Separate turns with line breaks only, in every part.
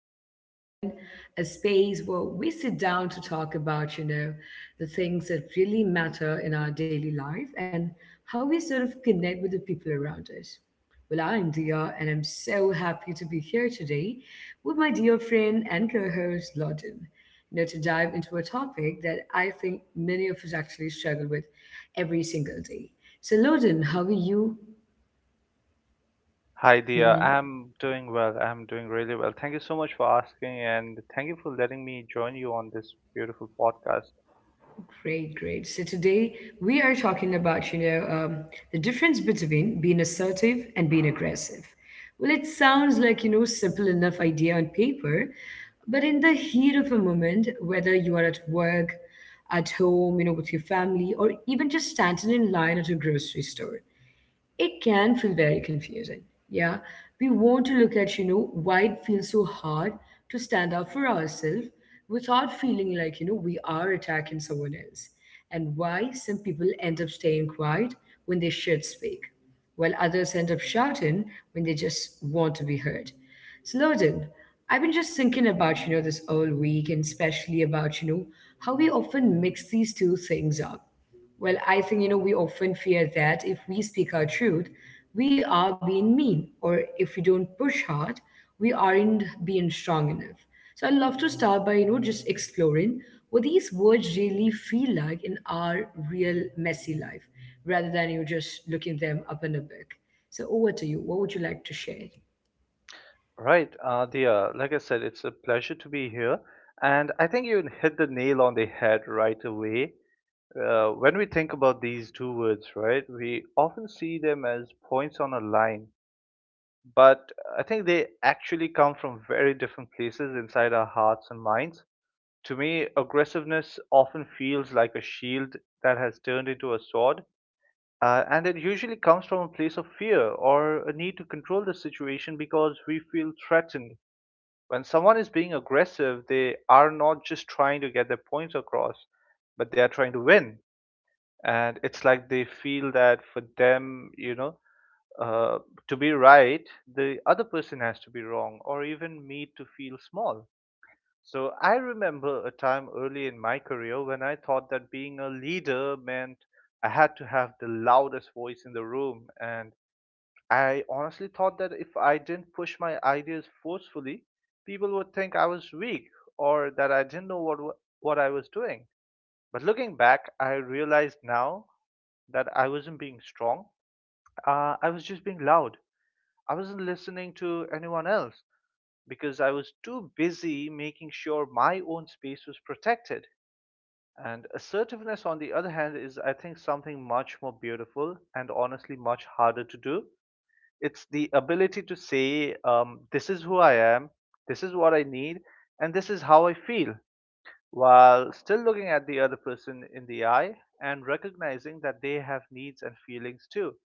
podcast, everyone. A space where we sit down to talk about, the things that really matter in our daily life and how we sort of connect with the people around us. Well, I'm Dia, and I'm so happy to be here today with my dear friend and co host, Lawton, to dive into a topic that I think many of us actually struggle with every single day. So, Lawton, how are you?
Hi, dear. I'm doing well. I'm doing really well. Thank you so much for asking, and thank you for letting me join you on this beautiful podcast.
Great, great. So today we are talking about, the difference between being assertive and being aggressive. Well, it sounds like, simple enough idea on paper, but in the heat of a moment, whether you are at work, at home, with your family, or even just standing in line at a grocery store, it can feel very confusing. Yeah. We want to look at, why it feels so hard to stand up for ourselves without feeling like, we are attacking someone else, and why some people end up staying quiet when they should speak, while others end up shouting when they just want to be heard. Sloden, I've been just thinking about, this all week and especially about, how we often mix these two things up. Well, I think, we often fear that if we speak our truth, we are being mean, or if we don't push hard, we aren't being strong enough. So I'd love to start by, just exploring what these words really feel like in our real messy life, rather than you just looking them up in a book. So over to you. What would you like to share?
Right, dear. Like I said, it's a pleasure to be here, and I think you hit the nail on the head right away. When we think about these two words, right, we often see them as points on a line, but I think they actually come from very different places inside our hearts and minds. To me, aggressiveness often feels like a shield that has turned into a sword, and it usually comes from a place of fear or a need to control the situation because we feel threatened. When someone is being aggressive, they are not just trying to get their points across, but they are trying to win. And it's like they feel that for them, uh, to be right, the other person has to be wrong or even me to feel small. So I remember a time early in my career when I thought that being a leader meant I had to have the loudest voice in the room. And I honestly thought that if I didn't push my ideas forcefully, people would think I was weak or that I didn't know what I was doing. But looking back, I realized now that I wasn't being strong. I was just being loud. I wasn't listening to anyone else because I was too busy making sure my own space was protected. And assertiveness, on the other hand, is, I think, something much more beautiful and honestly much harder to do. It's the ability to say, this is who I am, this is what I need, and this is how I feel, while still looking at the other person in the eye and recognizing that they have needs and feelings too.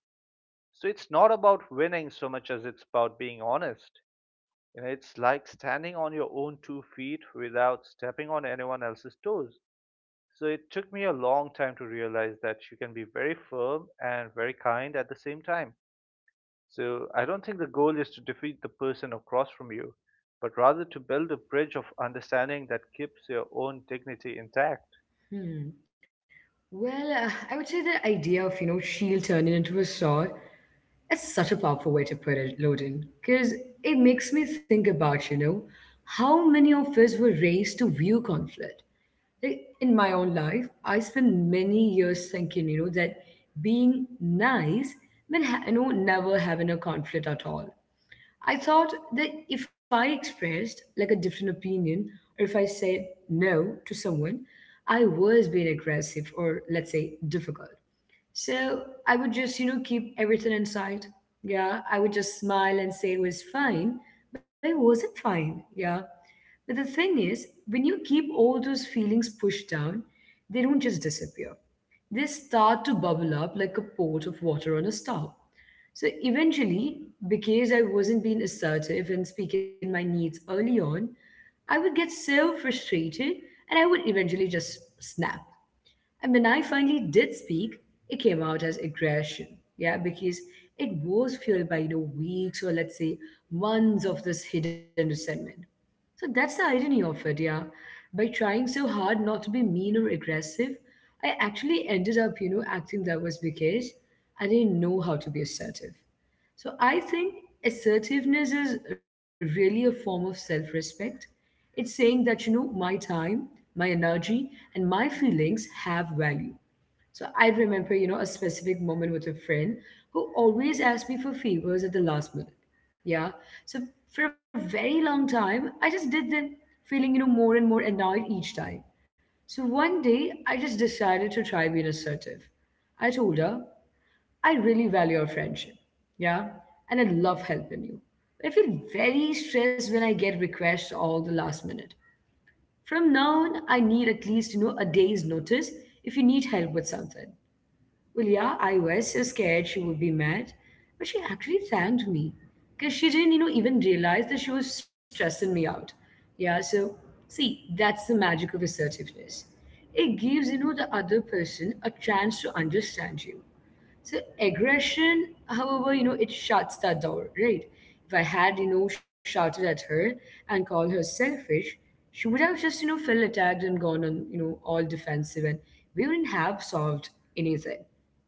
So it's not about winning so much as it's about being honest. You know, it's like standing on your own two feet without stepping on anyone else's toes. So it took me a long time to realize that you can be very firm and very kind at the same time. So I don't think the goal is to defeat the person across from you, but rather to build a bridge of understanding that keeps your own dignity intact.
Well, I would say the idea of, shield turning into a sword is such a powerful way to put it, Loden, because it makes me think about, how many of us were raised to view conflict. Like, in my own life, I spent many years thinking, that being nice meant, never having a conflict at all. I thought that if I expressed like a different opinion or if I said no to someone, I was being aggressive or let's say difficult. So I would just, keep everything inside. Yeah, I would just smile and say it was fine, but it wasn't fine. Yeah. But the thing is, when you keep all those feelings pushed down, they don't just disappear. They start to bubble up like a pot of water on a stove. So eventually, because I wasn't being assertive and speaking my needs early on, I would get so frustrated and I would eventually just snap. And when I finally did speak, it came out as aggression. Yeah, because it was fueled by, weeks or let's say months of this hidden resentment. So that's the irony of it, yeah. By trying so hard not to be mean or aggressive, I actually ended up, acting that was because I didn't know how to be assertive. So I think assertiveness is really a form of self respect. It's saying that, my time, my energy, and my feelings have value. So I remember, a specific moment with a friend who always asked me for favors at the last minute. Yeah. So for a very long time, I just did them, feeling, more and more annoyed each time. So one day, I just decided to try being assertive. I told her, I really value our friendship. Yeah. And I love helping you. I feel very stressed when I get requests all the last minute. From now on, I need at least, a day's notice if you need help with something. Well, yeah, I was so scared she would be mad, but she actually thanked me because she didn't, even realize that she was stressing me out. Yeah, so see, that's the magic of assertiveness. It gives, the other person a chance to understand you. So aggression, however, it shuts that door, right? If I had, shouted at her and called her selfish, she would have just, felt attacked and gone on, all defensive and we wouldn't have solved anything,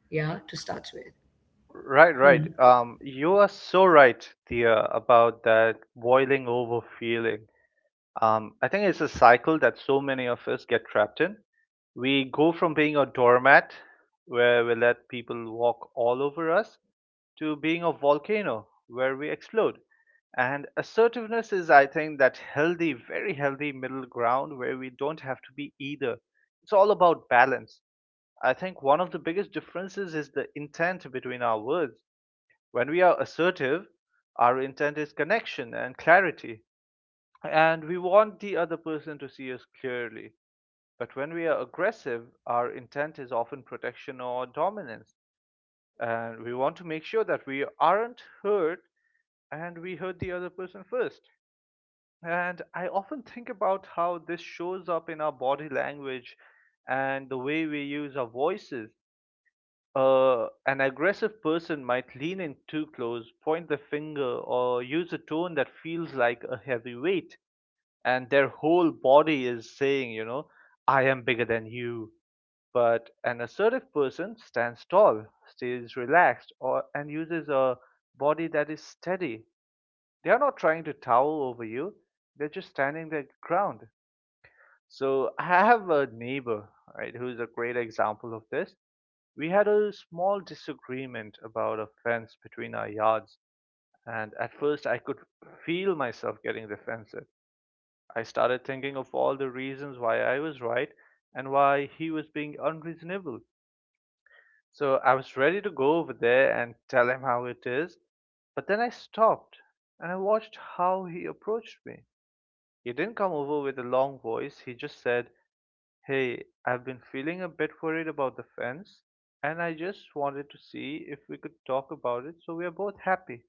yeah, to start with.
Right, right. You are so right, dear, about that boiling over feeling. I think it's a cycle that so many of us get trapped in. We go from being a doormat where we let people walk all over us to being a volcano where we explode. And assertiveness is, I think, that healthy, very healthy middle ground where we don't have to be either. It's all about balance. I think one of the biggest differences is the intent between our words. When we are assertive, our intent is connection and clarity, and we want the other person to see us clearly. But when we are aggressive, our intent is often protection or dominance. And we want to make sure that we aren't hurt and we heard the other person first. And I often think about how this shows up in our body language and the way we use our voices. An aggressive person might lean in too close, point the finger, or use a tone that feels like a heavy weight, and their whole body is saying, you know, I am bigger than you. But an assertive person stands tall, stays relaxed, or and uses a body that is steady, they are not trying to towel over you. They're just standing their ground. So I have a neighbor, right, who's a great example of this. We had a small disagreement about a fence between our yards, and at first I could feel myself getting defensive. I started thinking of all the reasons why I was right and why he was being unreasonable. So I was ready to go over there and tell him how it is, but then I stopped and I watched how he approached me. He didn't come over with a long voice. He just said, "Hey, I've been feeling a bit worried about the fence, and I just wanted to see if we could talk about it so we are both happy."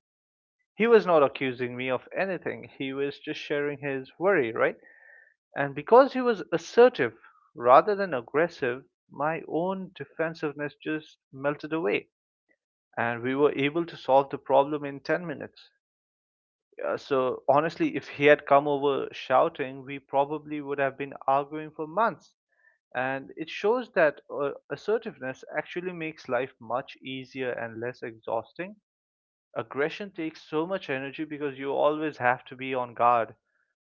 He was not accusing me of anything, he was just sharing his worry, right? And because he was assertive rather than aggressive, my own defensiveness just melted away, and we were able to solve the problem in 10 minutes. So honestly, if he had come over shouting, we probably would have been arguing for months. And it shows that assertiveness actually makes life much easier and less exhausting. Aggression takes so much energy because you always have to be on guard,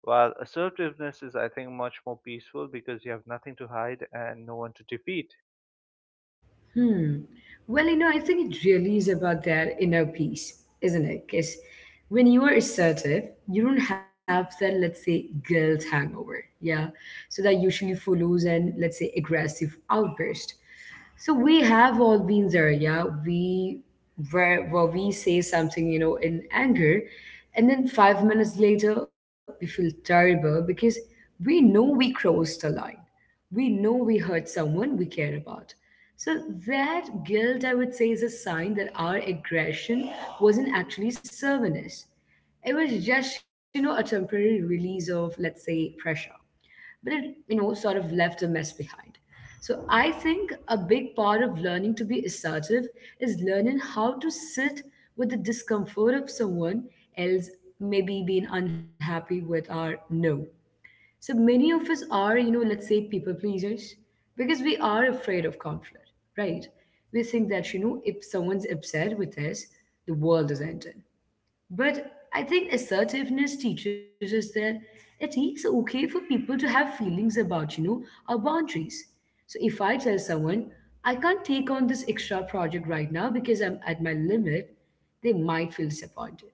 while assertiveness is, I think, much more peaceful because you have nothing to hide and no one to defeat.
Well, I think it really is about that inner peace, isn't it? Because when you are assertive, you don't have that, let's say, guilt hangover, yeah? So that usually follows an, let's say, aggressive outburst. So we have all been there, yeah. We where we say something, in anger, and then 5 minutes later we feel terrible because we know we crossed a line. We know we hurt someone we care about. So that guilt, I would say, is a sign that our aggression wasn't actually serving us. It was just, a temporary release of, let's say, pressure, but it sort of left a mess behind. So I think a big part of learning to be assertive is learning how to sit with the discomfort of someone else maybe being unhappy with our no. So many of us are, let's say, people pleasers because we are afraid of conflict, right? We think that, if someone's upset with us, the world is ending. But I think assertiveness teaches us that it is okay for people to have feelings about, our boundaries. So if I tell someone, I can't take on this extra project right now because I'm at my limit, they might feel disappointed.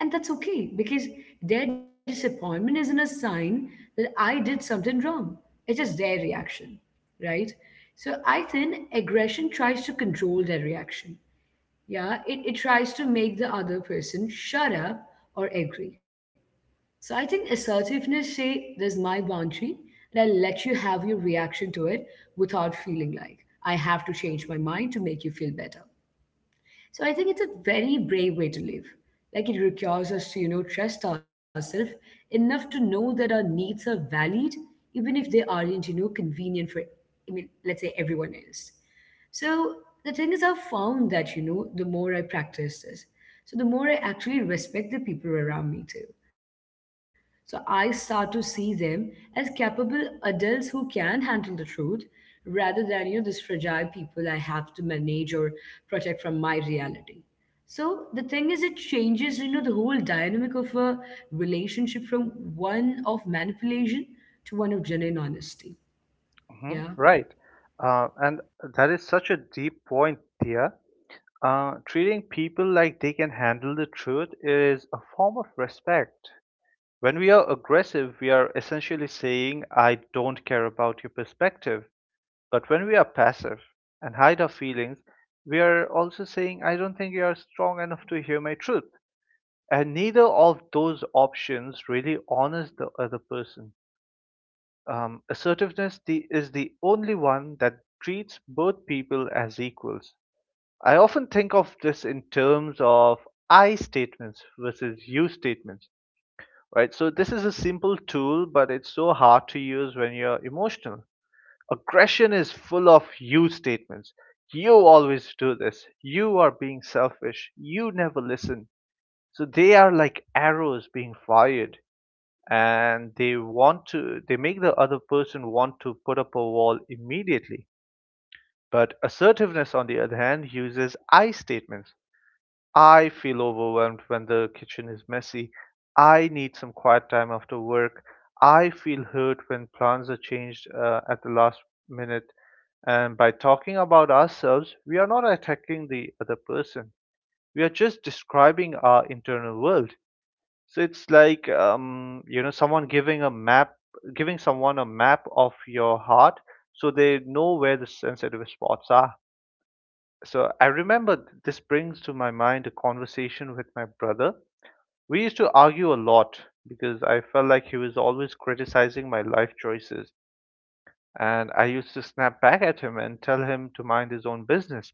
And that's okay because their disappointment isn't a sign that I did something wrong. It is their reaction, right? So I think aggression tries to control their reaction. Yeah, it tries to make the other person shut up or agree. So I think assertiveness say there's my boundary and I'll let you have your reaction to it without feeling like I have to change my mind to make you feel better. So I think it's a very brave way to live. Like it requires us to, trust ourselves enough to know that our needs are valid, even if they aren't, convenient for, I mean, let's say everyone else. So the thing is, I've found that, the more I practice this, so the more I actually respect the people around me too. So I start to see them as capable adults who can handle the truth rather than, these fragile people I have to manage or protect from my reality. So the thing is, it changes, the whole dynamic of a relationship from one of manipulation to one of genuine honesty.
Hmm.
Yeah.
Right. And that is such a deep point, Thea. Treating people like they can handle the truth is a form of respect. When we are aggressive, we are essentially saying, I don't care about your perspective. But when we are passive and hide our feelings, we are also saying, I don't think you are strong enough to hear my truth. And neither of those options really honors the other person. Assertiveness is the only one that treats both people as equals. I often think of this in terms of I statements versus you statements, right? So this is a simple tool, but it's so hard to use when you're emotional. Aggression is full of you statements. You always do this. You are being selfish. You never listen. So they are like arrows being fired and they want to they make the other person want to put up a wall immediately. But assertiveness, on the other hand, uses I statements. I feel overwhelmed when the kitchen is messy. I need some quiet time after work. I feel hurt when plans are changed, at the last minute. And by talking about ourselves, we are not attacking the other person. We are just describing our internal world. So it's like, you know someone giving a map, giving someone a map of your heart, so they know where the sensitive spots are. So I remember, this brings to my mind a conversation with my brother. We used to argue a lot because I felt like he was always criticizing my life choices. And I used to snap back at him and tell him to mind his own business.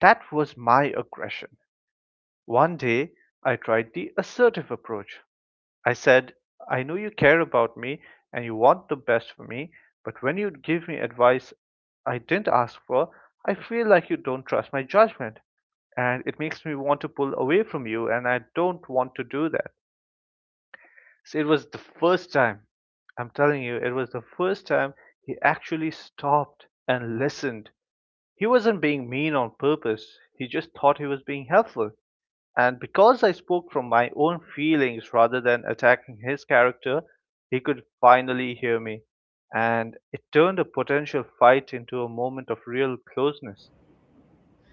That was my aggression. One day, I tried the assertive approach. I said, I know you care about me and you want the best for me, but when you give me advice I didn't ask for, I feel like you don't trust my judgment and it makes me want to pull away from you, and I don't want to do that. So it was the first time, I'm telling you, it was the first time he actually stopped and listened. He wasn't being mean on purpose. He just thought he was being helpful. And because I spoke from my own feelings rather than attacking his character, he could finally hear me. And it turned a potential fight into a moment of real closeness.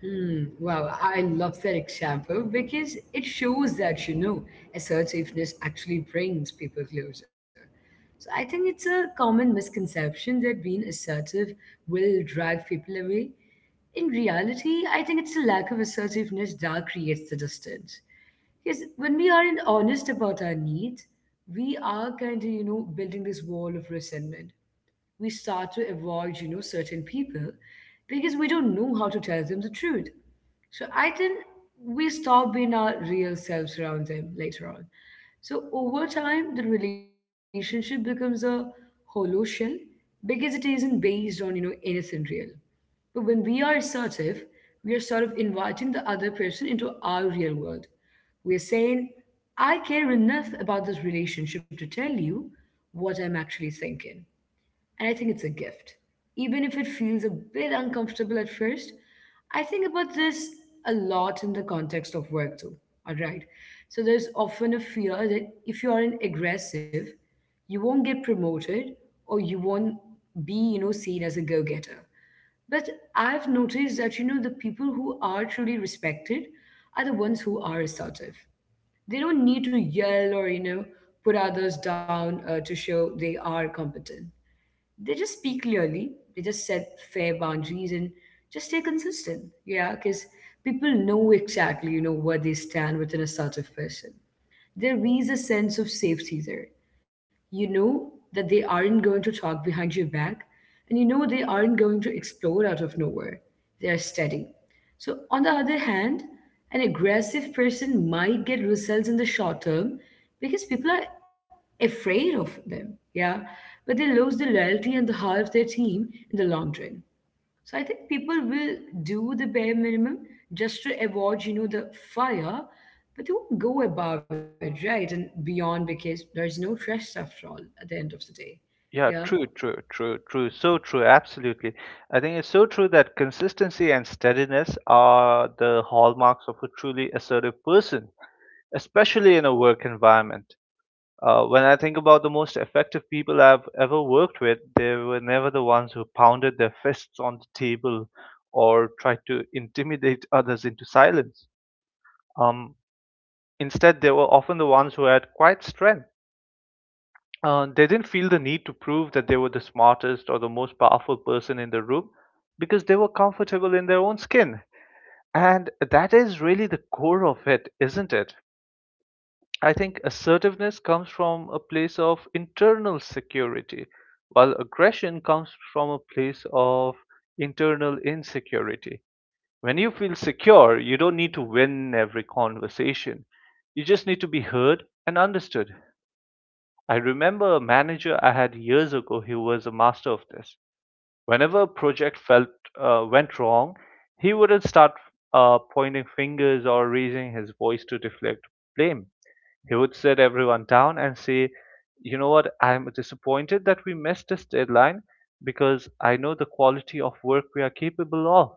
Hmm, wow, I love that example because it shows that, assertiveness actually brings people closer. So I think it's a common misconception that being assertive will drive people away. In reality, I think it's a lack of assertiveness that creates the distance. Because when we aren't honest about our needs, we are kind of, building this wall of resentment. We start to avoid, certain people because we don't know how to tell them the truth. So I think we stop being our real selves around them later on. So over time, the relationship becomes a hollow shell because it isn't based on, anything real. But when we are assertive, we are sort of inviting the other person into our real world. We're saying, I care enough about this relationship to tell you what I'm actually thinking. And I think it's a gift. Even if it feels a bit uncomfortable at first, I think about this a lot in the context of work too. All right. So there's often a fear that if you aren't aggressive, you won't get promoted or you won't be, seen as a go-getter. But I've noticed that, the people who are truly respected are the ones who are assertive. They don't need to yell or, put others down to show they are competent. They just speak clearly, they just set fair boundaries and just stay consistent, yeah, because people know exactly where they stand within a sort of person. There is a sense of safety there. You know that they aren't going to talk behind your back, and you know they aren't going to explode out of nowhere. They are steady. So, on the other hand, an aggressive person might get results in the short term because people are afraid of them, yeah, but they lose the loyalty and the heart of their team in the long run. So I think people will do the bare minimum just to avoid, the fire, but they won't go above it, right? And beyond because there is no trust after all at the end of the day. Yeah.
Yeah, true, true, true, true. So true, absolutely. I think it's so true that consistency and steadiness are the hallmarks of a truly assertive person, especially in a work environment. When I think about the most effective people I've ever worked with, they were never the ones who pounded their fists on the table or tried to intimidate others into silence. Um, instead, they were often the ones who had quiet strength. They didn't feel the need to prove that they were the smartest or the most powerful person in the room because they were comfortable in their own skin. And that is really the core of it, isn't it? I think assertiveness comes from a place of internal security, while aggression comes from a place of internal insecurity. When you feel secure, you don't need to win every conversation. You just need to be heard and understood. I remember a manager I had years ago who was a master of this. Whenever a project felt went wrong, he wouldn't start pointing fingers or raising his voice to deflect blame. He would sit everyone down and say, "You know what? I'm disappointed that we missed this deadline because I know the quality of work we are capable of.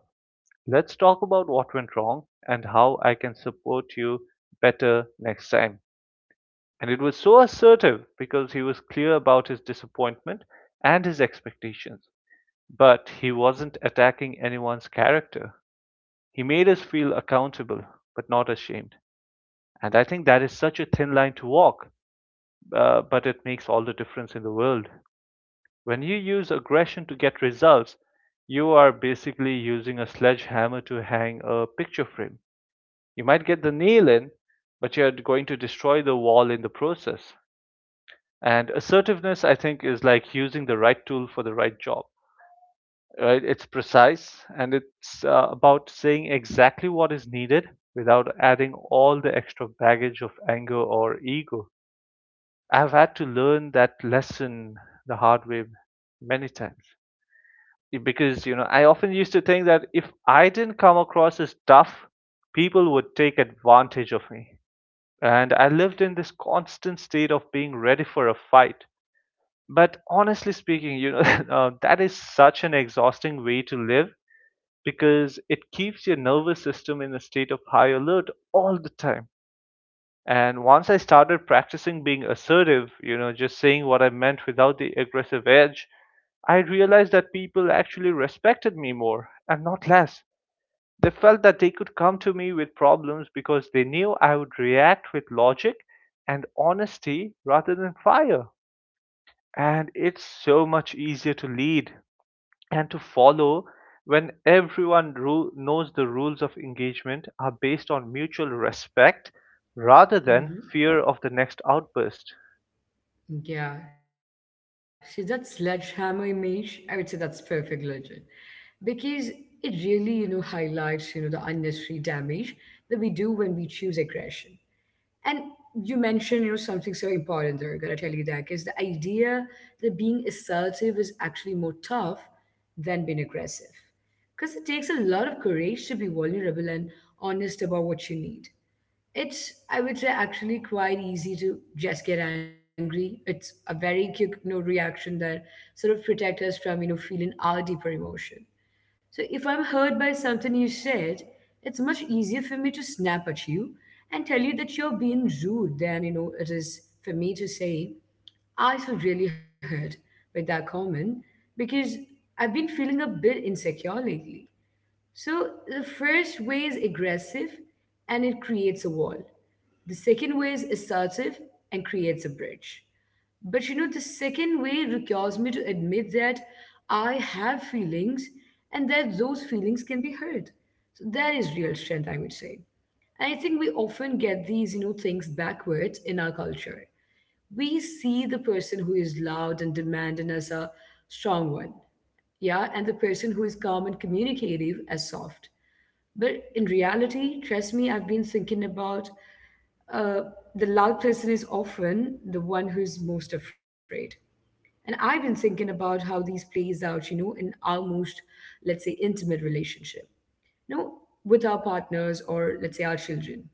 Let's talk about what went wrong and how I can support you better next time." And it was so assertive because he was clear about his disappointment and his expectations. But he wasn't attacking anyone's character. He made us feel accountable, but not ashamed. And I think that is such a thin line to walk, but it makes all the difference in the world. When you use aggression to get results, you are basically using a sledgehammer to hang a picture frame. You might get the nail in, but you're going to destroy the wall in the process. And assertiveness, I think, is like using the right tool for the right job. Right? It's precise and it's about saying exactly what is needed without adding all the extra baggage of anger or ego. I've had to learn that lesson the hard way many times because you know I often used to think that if I didn't come across as tough, people would take advantage of me. And I lived in this constant state of being ready for a fight. But honestly speaking, you know, that is such an exhausting way to live because it keeps your nervous system in a state of high alert all the time. And once I started practicing being assertive, you know, just saying what I meant without the aggressive edge, I realized that people actually respected me more and not less. They felt that they could come to me with problems because they knew I would react with logic and honesty rather than fire. And it's so much easier to lead and to follow when everyone knows the rules of engagement are based on mutual respect rather than fear
Hmm.
of the next outburst.
Yeah. See, that sledgehammer image, I would say that's perfectly legit because it really, you know, highlights, you know, the unnecessary damage that we do when we choose aggression. And you mentioned, you know, something so important there. I gotta tell you, that is the idea that being assertive is actually more tough than being aggressive, because it takes a lot of courage to be vulnerable and honest about what you need. It's, I would say, actually quite easy to just get angry. It's a very quick, you know, reaction that sort of protect us from, you know, feeling our deeper emotion. So if I'm hurt by something you said, it's much easier for me to snap at you and tell you that you're being rude than, you know, it is for me to say, I feel really hurt with that comment because I've been feeling a bit insecure lately. So the first way is aggressive and it creates a wall. The second way is assertive and creates a bridge. But you know, the second way requires me to admit that I have feelings and that those feelings can be hurt. So that is real strength, I would say. And I think we often get these, you know, things backwards in our culture. We see the person who is loud and demanding as a strong one, yeah, and the person who is calm and communicative as soft. But in reality, trust me, I've been thinking about uh, the loud person is often the one who is most afraid, and I've been thinking about how these plays out, you know, in our most, let's say, intimate relationship, you know, with our partners or let's say our children.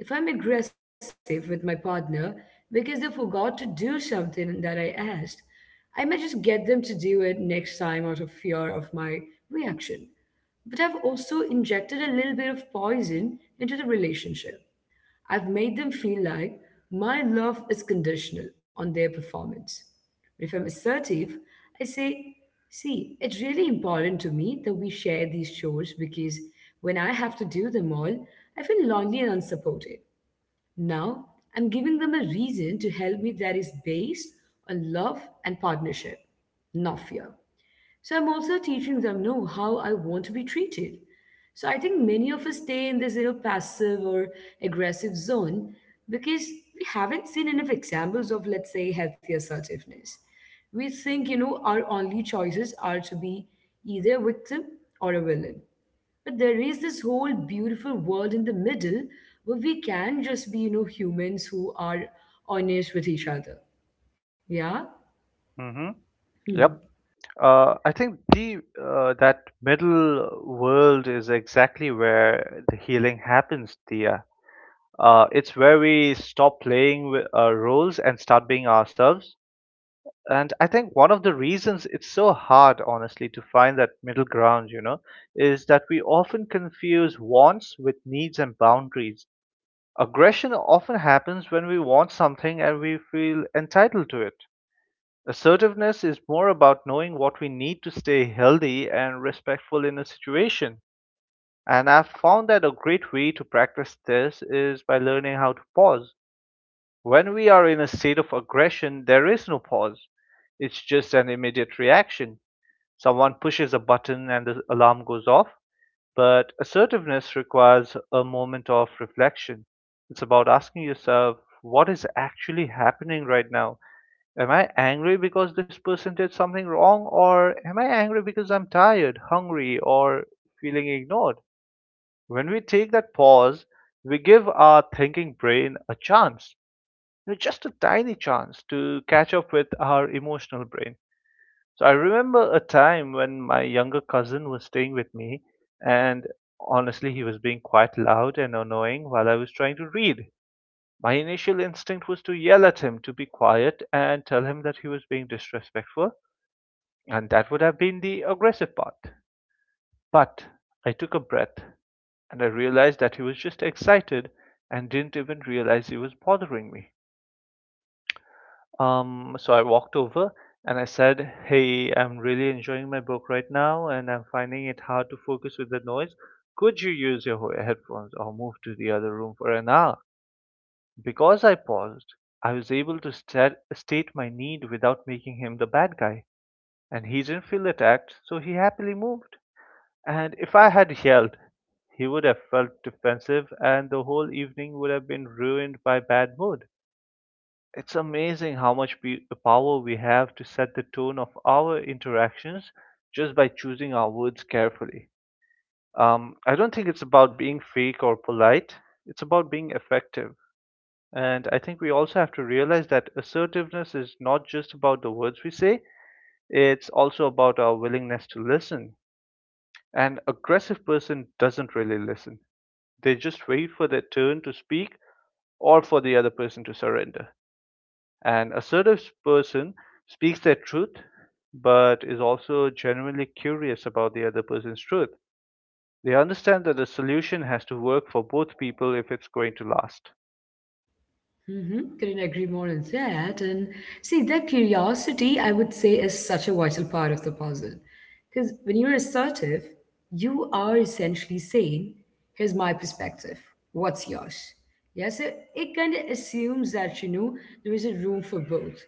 If I'm aggressive with my partner because they forgot to do something that I asked, I may just get them to do it next time out of fear of my reaction. But I've also injected a little bit of poison into the relationship. I've made them feel like my love is conditional on their performance. But if I'm assertive, I say, see, it's really important to me that we share these chores because when I have to do them all, I feel lonely and unsupported. Now, I'm giving them a reason to help me that is based on love and partnership, not fear. So I'm also teaching them, no, how I want to be treated. So I think many of us stay in this, you know, passive or aggressive zone because we haven't seen enough examples of, let's say, healthy assertiveness. We think, you know, our only choices are to be either a victim or a villain. But there is this whole beautiful world in the middle where we can just be, you know, humans who are honest with each other. Yeah?
Hmm. Yep.
Hmm.
I think the that middle world is exactly where the healing happens, Tia. It's where we stop playing roles and start being ourselves. And I think one of the reasons it's so hard, honestly, to find that middle ground, you know, is that we often confuse wants with needs and boundaries. Aggression often happens when we want something and we feel entitled to it. Assertiveness is more about knowing what we need to stay healthy and respectful in a situation. And I've found that a great way to practice this is by learning how to pause. When we are in a state of aggression, there is no pause. It's just an immediate reaction. Someone pushes a button and the alarm goes off. But assertiveness requires a moment of reflection. It's about asking yourself, what is actually happening right now? Am I angry because this person did something wrong, or am I angry because I'm tired, hungry, or feeling ignored? When we take that pause, we give our thinking brain a chance, you know, just a tiny chance to catch up with our emotional brain. So I remember a time when my younger cousin was staying with me, and honestly, he was being quite loud and annoying while I was trying to read. My initial instinct was to yell at him to be quiet and tell him that he was being disrespectful, and that would have been the aggressive part. But I took a breath and I realized that he was just excited and didn't even realize he was bothering me. So I walked over and I said, "Hey, I'm really enjoying my book right now and I'm finding it hard to focus with the noise. Could you use your headphones or move to the other room for an hour?" Because I paused, I was able to state my need without making him the bad guy, and he didn't feel attacked, so he happily moved. And if I had yelled, he would have felt defensive and the whole evening would have been ruined by bad mood. It's amazing how much power we have to set the tone of our interactions just by choosing our words carefully. I don't think it's about being fake or polite, it's about being effective. And I think we also have to realize that assertiveness is not just about the words we say, it's also about our willingness to listen. An aggressive person doesn't really listen, they just wait for their turn to speak or for the other person to surrender. An assertive person speaks their truth, but is also genuinely curious about the other person's truth. They understand that the solution has to work for both people if it's going to last.
Mm-hmm. Couldn't agree more on that. And see, that curiosity, I would say, is such a vital part of the puzzle. Because when you're assertive, you are essentially saying, here's my perspective, what's yours? Yeah, so it kind of assumes that, you know, there is a room for both.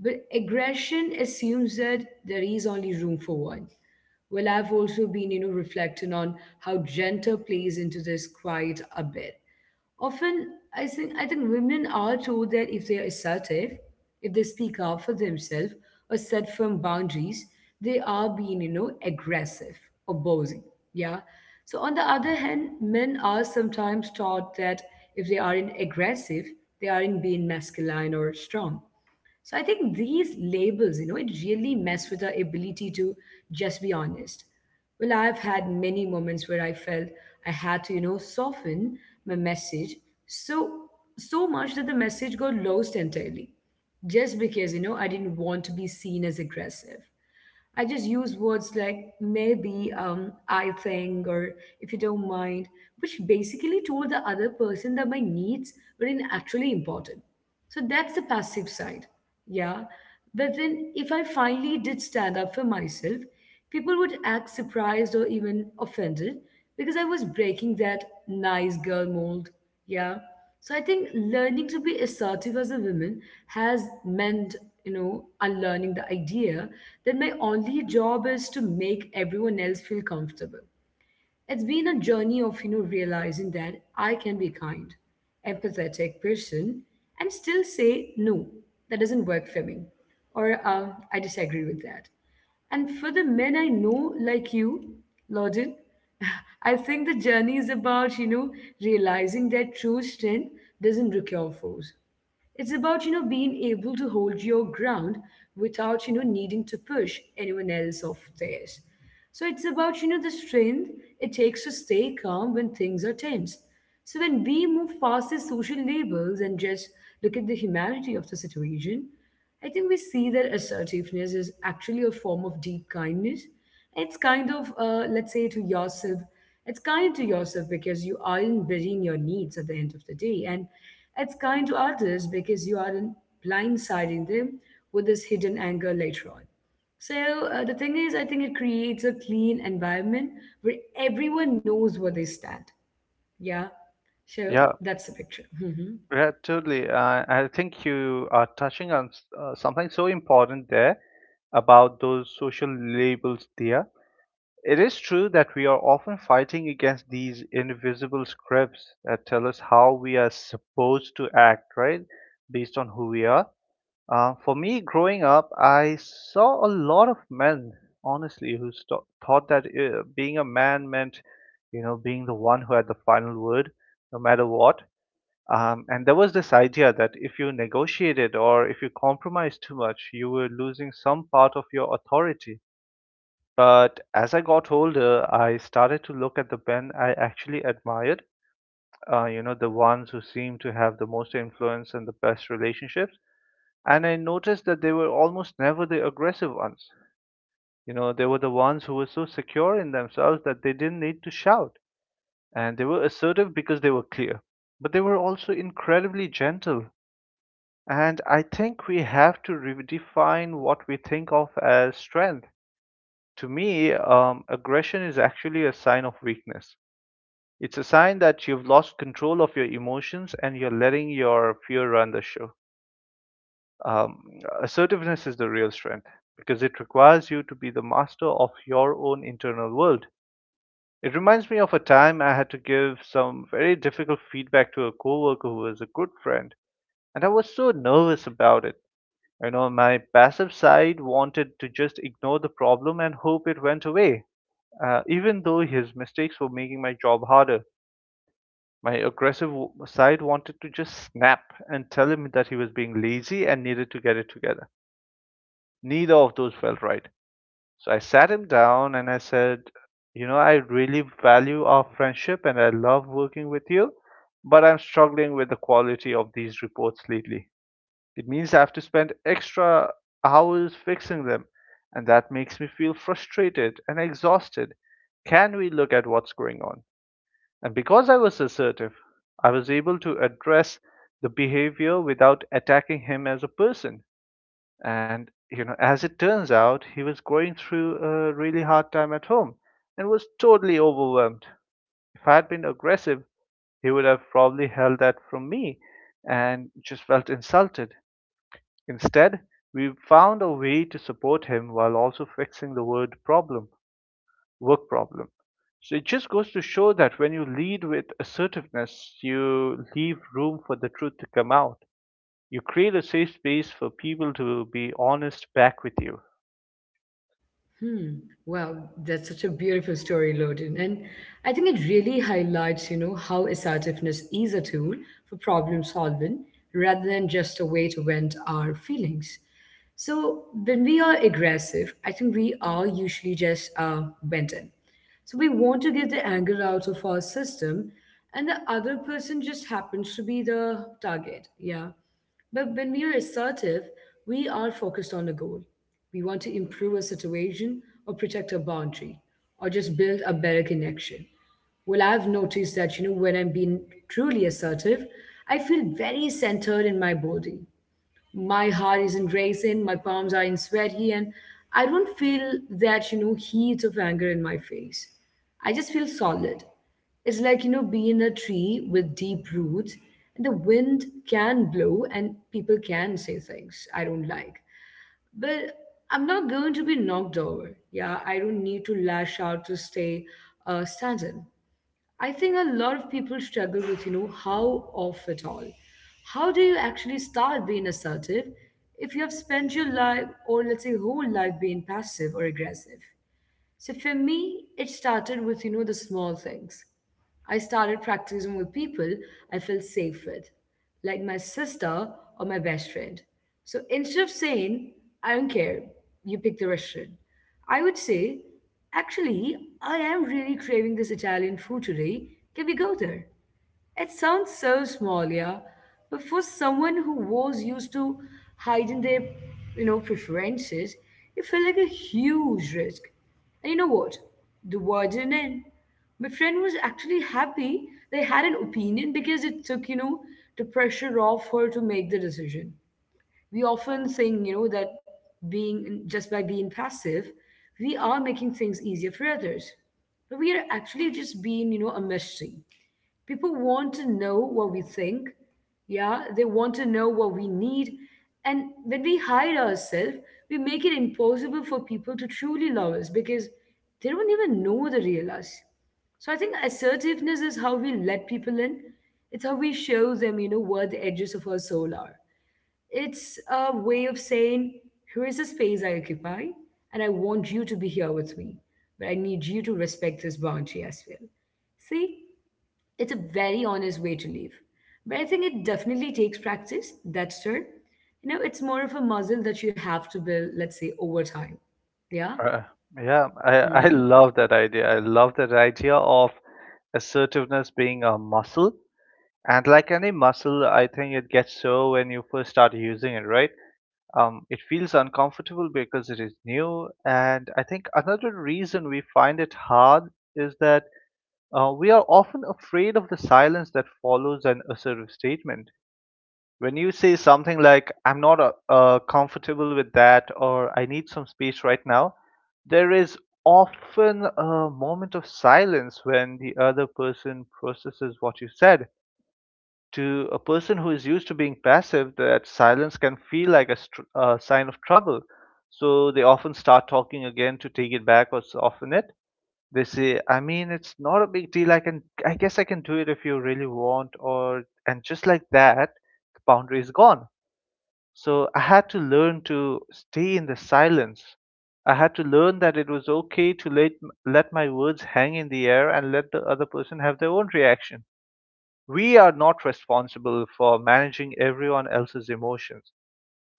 But aggression assumes that there is only room for one. Well, I've also been, you know, reflecting on how gender plays into this quite a bit. Often, I think women are told that if they are assertive, if they speak up for themselves or set firm boundaries, they are being, you know, aggressive, opposing. Yeah. So on the other hand, men are sometimes taught that if they aren't aggressive, they aren't being masculine or strong. So I think these labels, you know, it really mess with our ability to just be honest. Well, I've had many moments where I felt I had to, you know, soften my message so so much that the message got lost entirely. Just because, you know, I didn't want to be seen as aggressive. I just use words like maybe, I think, or if you don't mind, which basically told the other person that my needs weren't actually important. So that's the passive side. Yeah. But then if I finally did stand up for myself, people would act surprised or even offended because I was breaking that nice girl mold. Yeah. So I think learning to be assertive as a woman has meant, you know, unlearning the idea that my only job is to make everyone else feel comfortable. It's been a journey of, you know, realizing that I can be kind, empathetic person and still say no, that doesn't work for me, or I disagree with that. And for the men I know, like you, Lorden, I think the journey is about, you know, realizing that true strength doesn't require force. It's about, you know, being able to hold your ground without, you know, needing to push anyone else off theirs. So it's about, you know, the strength it takes to stay calm when things are tense. So when we move past these social labels and just look at the humanity of the situation, I think we see that assertiveness is actually a form of deep kindness. It's kind of, let's say, to yourself, it's kind to yourself because you aren't burying your needs at the end of the day. And it's kind to others because you aren't blindsiding them with this hidden anger later on. So the thing is, I think it creates a clean environment where everyone knows where they stand. Yeah. So
Yeah,
that's the picture.
yeah, totally. I think you are touching on something so important there about those social labels there. It is true that we are often fighting against these invisible scripts that tell us how we are supposed to act, right? Based on who we are. For me, growing up, I saw a lot of men, honestly, who thought that being a man meant, you know, being the one who had the final word, no matter what. And there was this idea that if you negotiated or if you compromised too much, you were losing some part of your authority. But as I got older, I started to look at the men I actually admired, you know, the ones who seemed to have the most influence and the best relationships. And I noticed that they were almost never the aggressive ones. You know, they were the ones who were so secure in themselves that they didn't need to shout. And they were assertive because they were clear. But they were also incredibly gentle. And I think we have to redefine what we think of as strength. To me, aggression is actually a sign of weakness. It's a sign that you've lost control of your emotions and you're letting your fear run the show. Um, Assertiveness is the real strength because it requires you to be the master of your own internal world. It reminds me of a time I had to give some very difficult feedback to a coworker who was a good friend, and I was so nervous about it. You know, my passive side wanted to just ignore the problem and hope it went away, even though his mistakes were making my job harder. My aggressive side wanted to just snap and tell him that he was being lazy and needed to get it together. Neither of those felt right. So I sat him down and I said, "You know, I really value our friendship and I love working with you, but I'm struggling with the quality of these reports lately. It means I have to spend extra hours fixing them, and that makes me feel frustrated and exhausted. Can we look at what's going on?" And because I was assertive, I was able to address the behavior without attacking him as a person. And, you know, as it turns out, he was going through a really hard time at home and was totally overwhelmed. If I had been aggressive, he would have probably held that from me and just felt insulted. Instead, we found a way to support him while also fixing the word problem, work problem. So it just goes to show that when you lead with assertiveness, you leave room for the truth to come out. You create a safe space for people to be honest back with you.
Hmm. Wow, that's such a beautiful story, Loden. And I think it really highlights, you know, how assertiveness is a tool for problem solving rather than just a way to vent our feelings. So when we are aggressive, I think we are usually just venting. So we want to get the anger out of our system, and the other person just happens to be the target. Yeah. But when we are assertive, we are focused on a goal. We want to improve a situation or protect a boundary or just build a better connection. Well, I've noticed that, you know, when I'm being truly assertive, I feel very centered in my body. My heart isn't racing, my palms aren't sweaty, and I don't feel that, you know, heat of anger in my face. I just feel solid. It's like, you know, being a tree with deep roots, and the wind can blow and people can say things I don't like. But I'm not going to be knocked over. Yeah, I don't need to lash out to stay standing. I think a lot of people struggle with, you know, how off it all. How do you actually start being assertive if you have spent your life or let's say whole life being passive or aggressive? So for me, it started with, you know, the small things. I started practicing with people I felt safe with, like my sister or my best friend. So instead of saying, I don't care, you pick the restaurant, I would say, actually, I am really craving this Italian food today. Can we go there? It sounds so small, yeah, but for someone who was used to hiding their, you know, preferences, it felt like a huge risk. And you know what? The war didn't end. My friend was actually happy they had an opinion because it took, you know, the pressure off her to make the decision. We often think, you know, that being just by being passive, we are making things easier for others. But we are actually just being, you know, a mystery. People want to know what we think. Yeah, they want to know what we need. And when we hide ourselves, we make it impossible for people to truly love us because they don't even know the real us. So I think assertiveness is how we let people in. It's how we show them, you know, where the edges of our soul are. It's a way of saying, here is a space I occupy, and I want you to be here with me, but I need you to respect this boundary as well. See, it's a very honest way to live. But I think it definitely takes practice, that's true. You know, it's more of a muscle that you have to build, let's say, over time. Yeah.
Uh, yeah, I love that idea. I love that idea of assertiveness being a muscle. And like any muscle, I think it gets so when you first start using it, right? It feels uncomfortable because it is new. And I think another reason we find it hard is that we are often afraid of the silence that follows an assertive statement. When you say something like, "I'm not comfortable with that," or, "I need some space right now," there is often a moment of silence when the other person processes what you said. To a person who is used to being passive, that silence can feel like a sign of trouble, so they often start talking again to take it back or soften it. They say, "I mean, it's not a big deal, I can, I guess I can do it if you really want," or — and just like that, the boundary is gone. So I had to learn to stay in the silence. I had to learn that it was okay to let my words hang in the air and let the other person have their own reaction. We are not responsible for managing everyone else's emotions.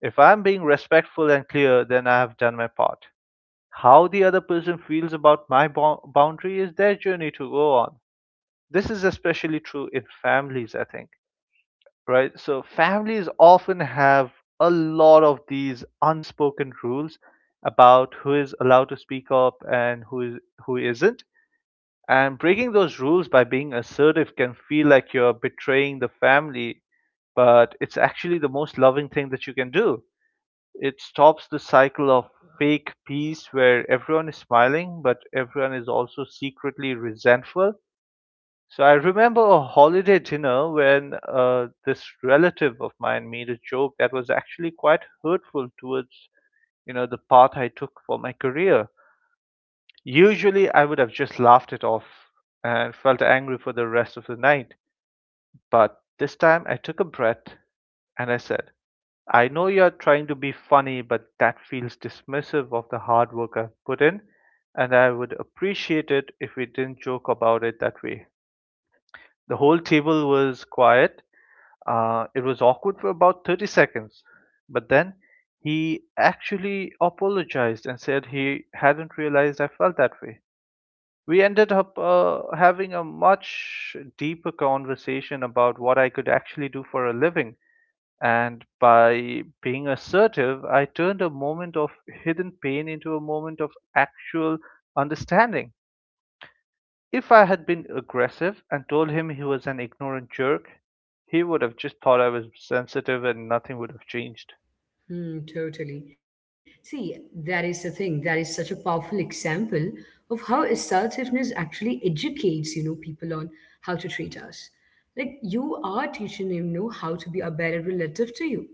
If I'm being respectful and clear, then I have done my part. How the other person feels about my boundary is their journey to go on. This is especially true in families, I think, right? So families often have a lot of these unspoken rules about who is allowed to speak up and who isn't. And breaking those rules by being assertive can feel like you're betraying the family, but it's actually the most loving thing that you can do. It stops the cycle of fake peace where everyone is smiling, but everyone is also secretly resentful. So I remember a holiday dinner when this relative of mine made a joke that was actually quite hurtful towards, you know, the path I took for my career. Usually I would have just laughed it off and felt angry for the rest of the night. But this time I took a breath and I said, I know you're trying to be funny, but that feels dismissive of the hard work I've put in, and I would appreciate it if we didn't joke about it that way. The whole table was quiet. It was awkward for about 30 seconds, but then he actually apologized and said he hadn't realized I felt that way. We ended up having a much deeper conversation about what I could actually do for a living. And by being assertive, I turned a moment of hidden pain into a moment of actual understanding. If I had been aggressive and told him he was an ignorant jerk, he would have just thought I was sensitive and nothing would have changed.
Hmm, totally. See, that is the thing. That is such a powerful example of how assertiveness actually educates, you know, people on how to treat us. Like you are teaching him, know, how to be a better relative to you.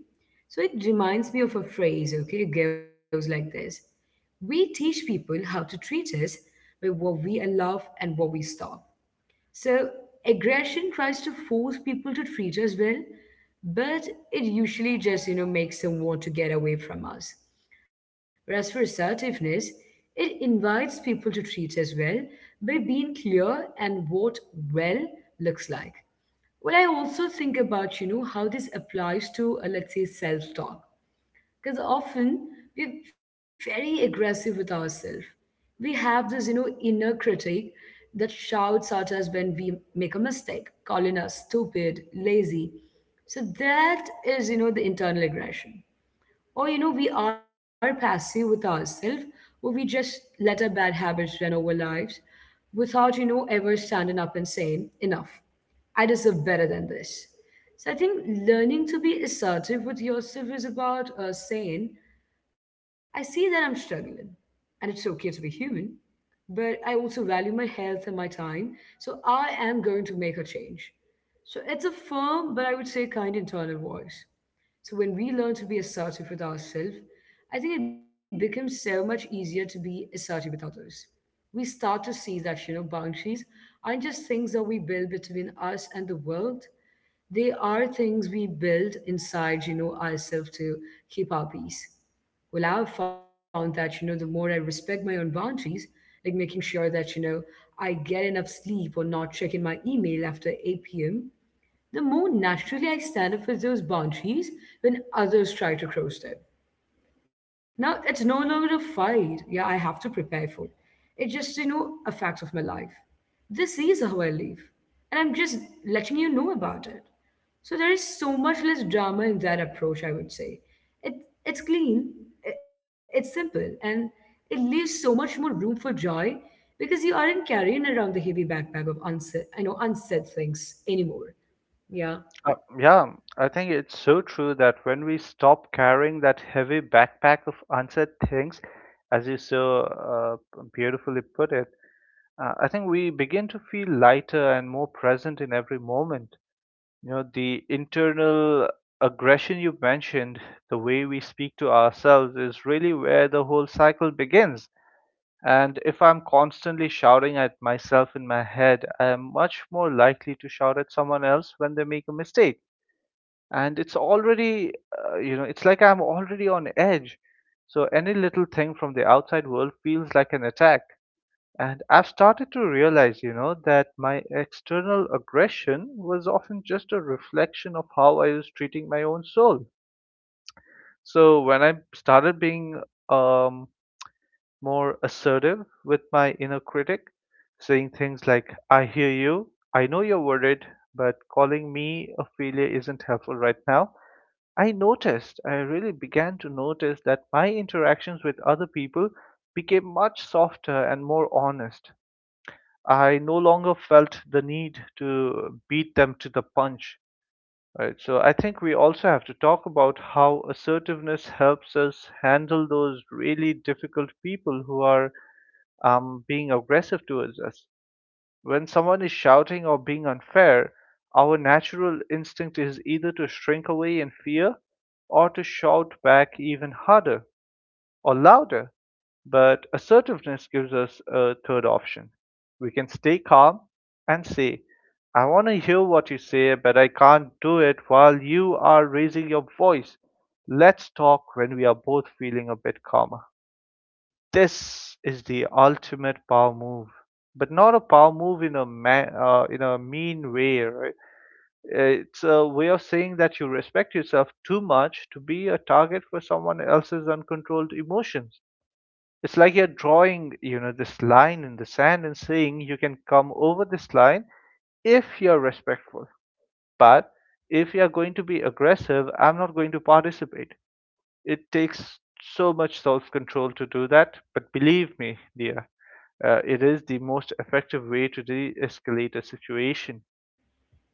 So it reminds me of a phrase, okay? It goes like this. We teach people how to treat us by what we allow and what we stop. So aggression tries to force people to treat us well, but it usually just, makes them want to get away from us. Whereas for assertiveness, it invites people to treat us well by being clear and what well looks like. Well, I also think about, how this applies to, let's say, self-talk because often we're very aggressive with ourselves. We have this inner critic that shouts at us when we make a mistake, calling us stupid, lazy. So that is the internal aggression, or, we are passive with ourselves, or we just let our bad habits run over lives without, ever standing up and saying, enough. I deserve better than this. So I think learning to be assertive with yourself is about saying, I see that I'm struggling, and it's okay to be human, but I also value my health and my time. So I am going to make a change. So it's a firm, but I would say kind, internal voice. So when we learn to be assertive with ourselves, I think it becomes so much easier to be assertive with others. We start to see that, boundaries aren't just things that we build between us and the world. They are things we build inside, ourselves to keep our peace. Well, I've found that, the more I respect my own boundaries, like making sure that, I get enough sleep or not checking my email after 8 p.m., the more naturally I stand up for those boundaries when others try to cross them. Now it's no longer a fight. Yeah, I have to prepare for it. It just, a fact of my life. This is how I live. And I'm just letting you know about it. So there is so much less drama in that approach, I would say. It, it's clean, it's simple, and it leaves so much more room for joy because you aren't carrying around the heavy backpack of unsaid, I know, unsaid things anymore. Yeah.
Yeah, I think it's so true that when we stop carrying that heavy backpack of unsaid things, as you so beautifully put it, I think we begin to feel lighter and more present in every moment. You know, the internal aggression you mentioned, the way we speak to ourselves, is really where the whole cycle begins. And if I'm constantly shouting at myself in my head, I am much more likely to shout at someone else when they make a mistake. And it's already, you know, it's like I'm already on edge. So any little thing from the outside world feels like an attack. And I've started to realize, you know, that my external aggression was often just a reflection of how I was treating my own soul. So when I started being um, more assertive with my inner critic, saying things like, I hear you, I know you're worried, but calling me a failure isn't helpful right now. I noticed, I really began to notice that my interactions with other people became much softer and more honest. I no longer felt the need to beat them to the punch. Right. So I think we also have to talk about how assertiveness helps us handle those really difficult people who are being aggressive towards us. When someone is shouting or being unfair, our natural instinct is either to shrink away in fear or to shout back even harder or louder. But assertiveness gives us a third option. We can stay calm and say, I want to hear what you say, but I can't do it while you are raising your voice. Let's talk when we are both feeling a bit calmer. This is the ultimate power move, but not a power move in a in a mean way, right? It's a way of saying that you respect yourself too much to be a target for someone else's uncontrolled emotions. It's like you're drawing, you know, this line in the sand and saying you can come over this line if you're respectful, but if you're going to be aggressive, I'm not going to participate. It takes so much self control to do that. But believe me, dear, it is the most effective way to de escalate a situation.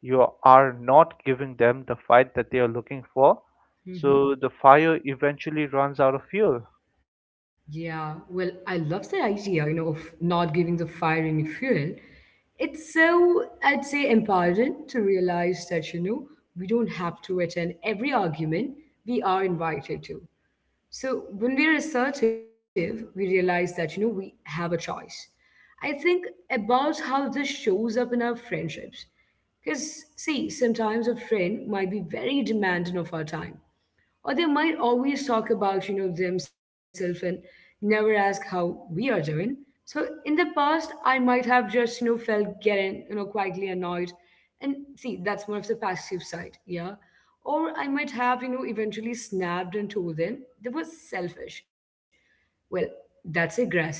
You are not giving them the fight that they are looking for, so the fire eventually runs out of fuel.
Yeah, well, I love that idea, of not giving the fire any fuel. It's so, I'd say, empowering to realize that, we don't have to attend every argument we are invited to. So when we're assertive, we realize that, we have a choice. I think about how this shows up in our friendships. Because, see, sometimes a friend might be very demanding of our time, or they might always talk about, themselves and never ask how we are doing. So in the past, I might have just, felt getting, quietly annoyed. And see, that's more of the passive side, yeah. Or I might have, eventually snapped and told them they were selfish. Well, that's aggressive side.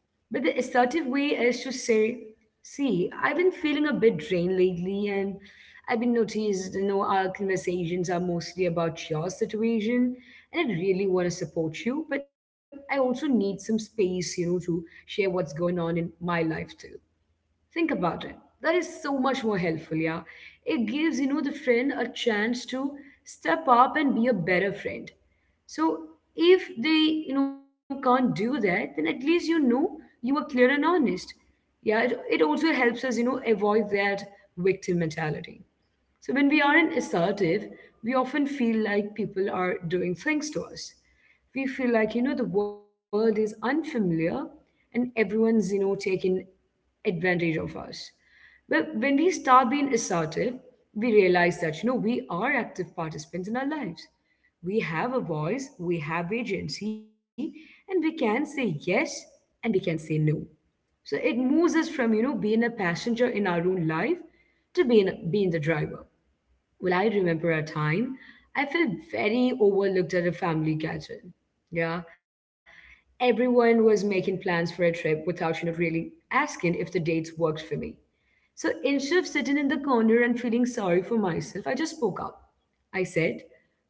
But the assertive way is to say, see, I've been feeling a bit drained lately, and I've been noticed, our conversations are mostly about your situation, and I really want to support you, but I also need some space, to share what's going on in my life too. Think about it. That is so much more helpful, yeah. It gives, the friend a chance to step up and be a better friend. So if they, can't do that, then at least you know you were clear and honest. Yeah, it also helps us, avoid that victim mentality. So when we aren't assertive, we often feel like people are doing things to us. We feel like, the world is unfamiliar and everyone's, taking advantage of us. But when we start being assertive, we realize that, we are active participants in our lives. We have a voice, we have agency, and we can say yes and we can say no. So it moves us from, being a passenger in our own life to being the driver. Well, I remember a time I felt very overlooked at a family gathering. Yeah. Everyone was making plans for a trip without, really asking if the dates worked for me. So instead of sitting in the corner and feeling sorry for myself, I just spoke up. I said,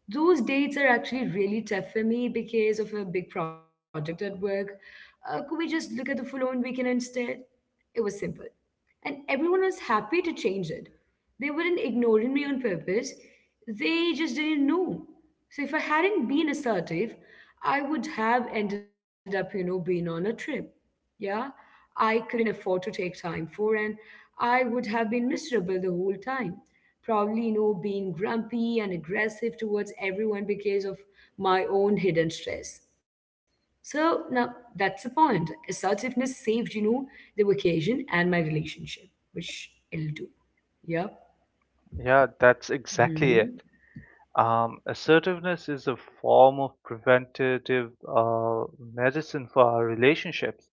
those dates are actually really tough for me because of a big project at work. Could we just look at the following weekend instead? It was simple and everyone was happy to change it. They weren't ignoring me on purpose, they just didn't know. So if I hadn't been assertive, I would have ended up, being on a trip. Yeah, I couldn't afford to take time for, and I would have been miserable the whole time. Probably, being grumpy and aggressive towards everyone because of my own hidden stress. So now that's the point. Assertiveness saved, the vacation and my relationship, which it'll do. Yep.
Yeah, that's exactly it. Assertiveness is a form of preventative uh, medicine for our relationships.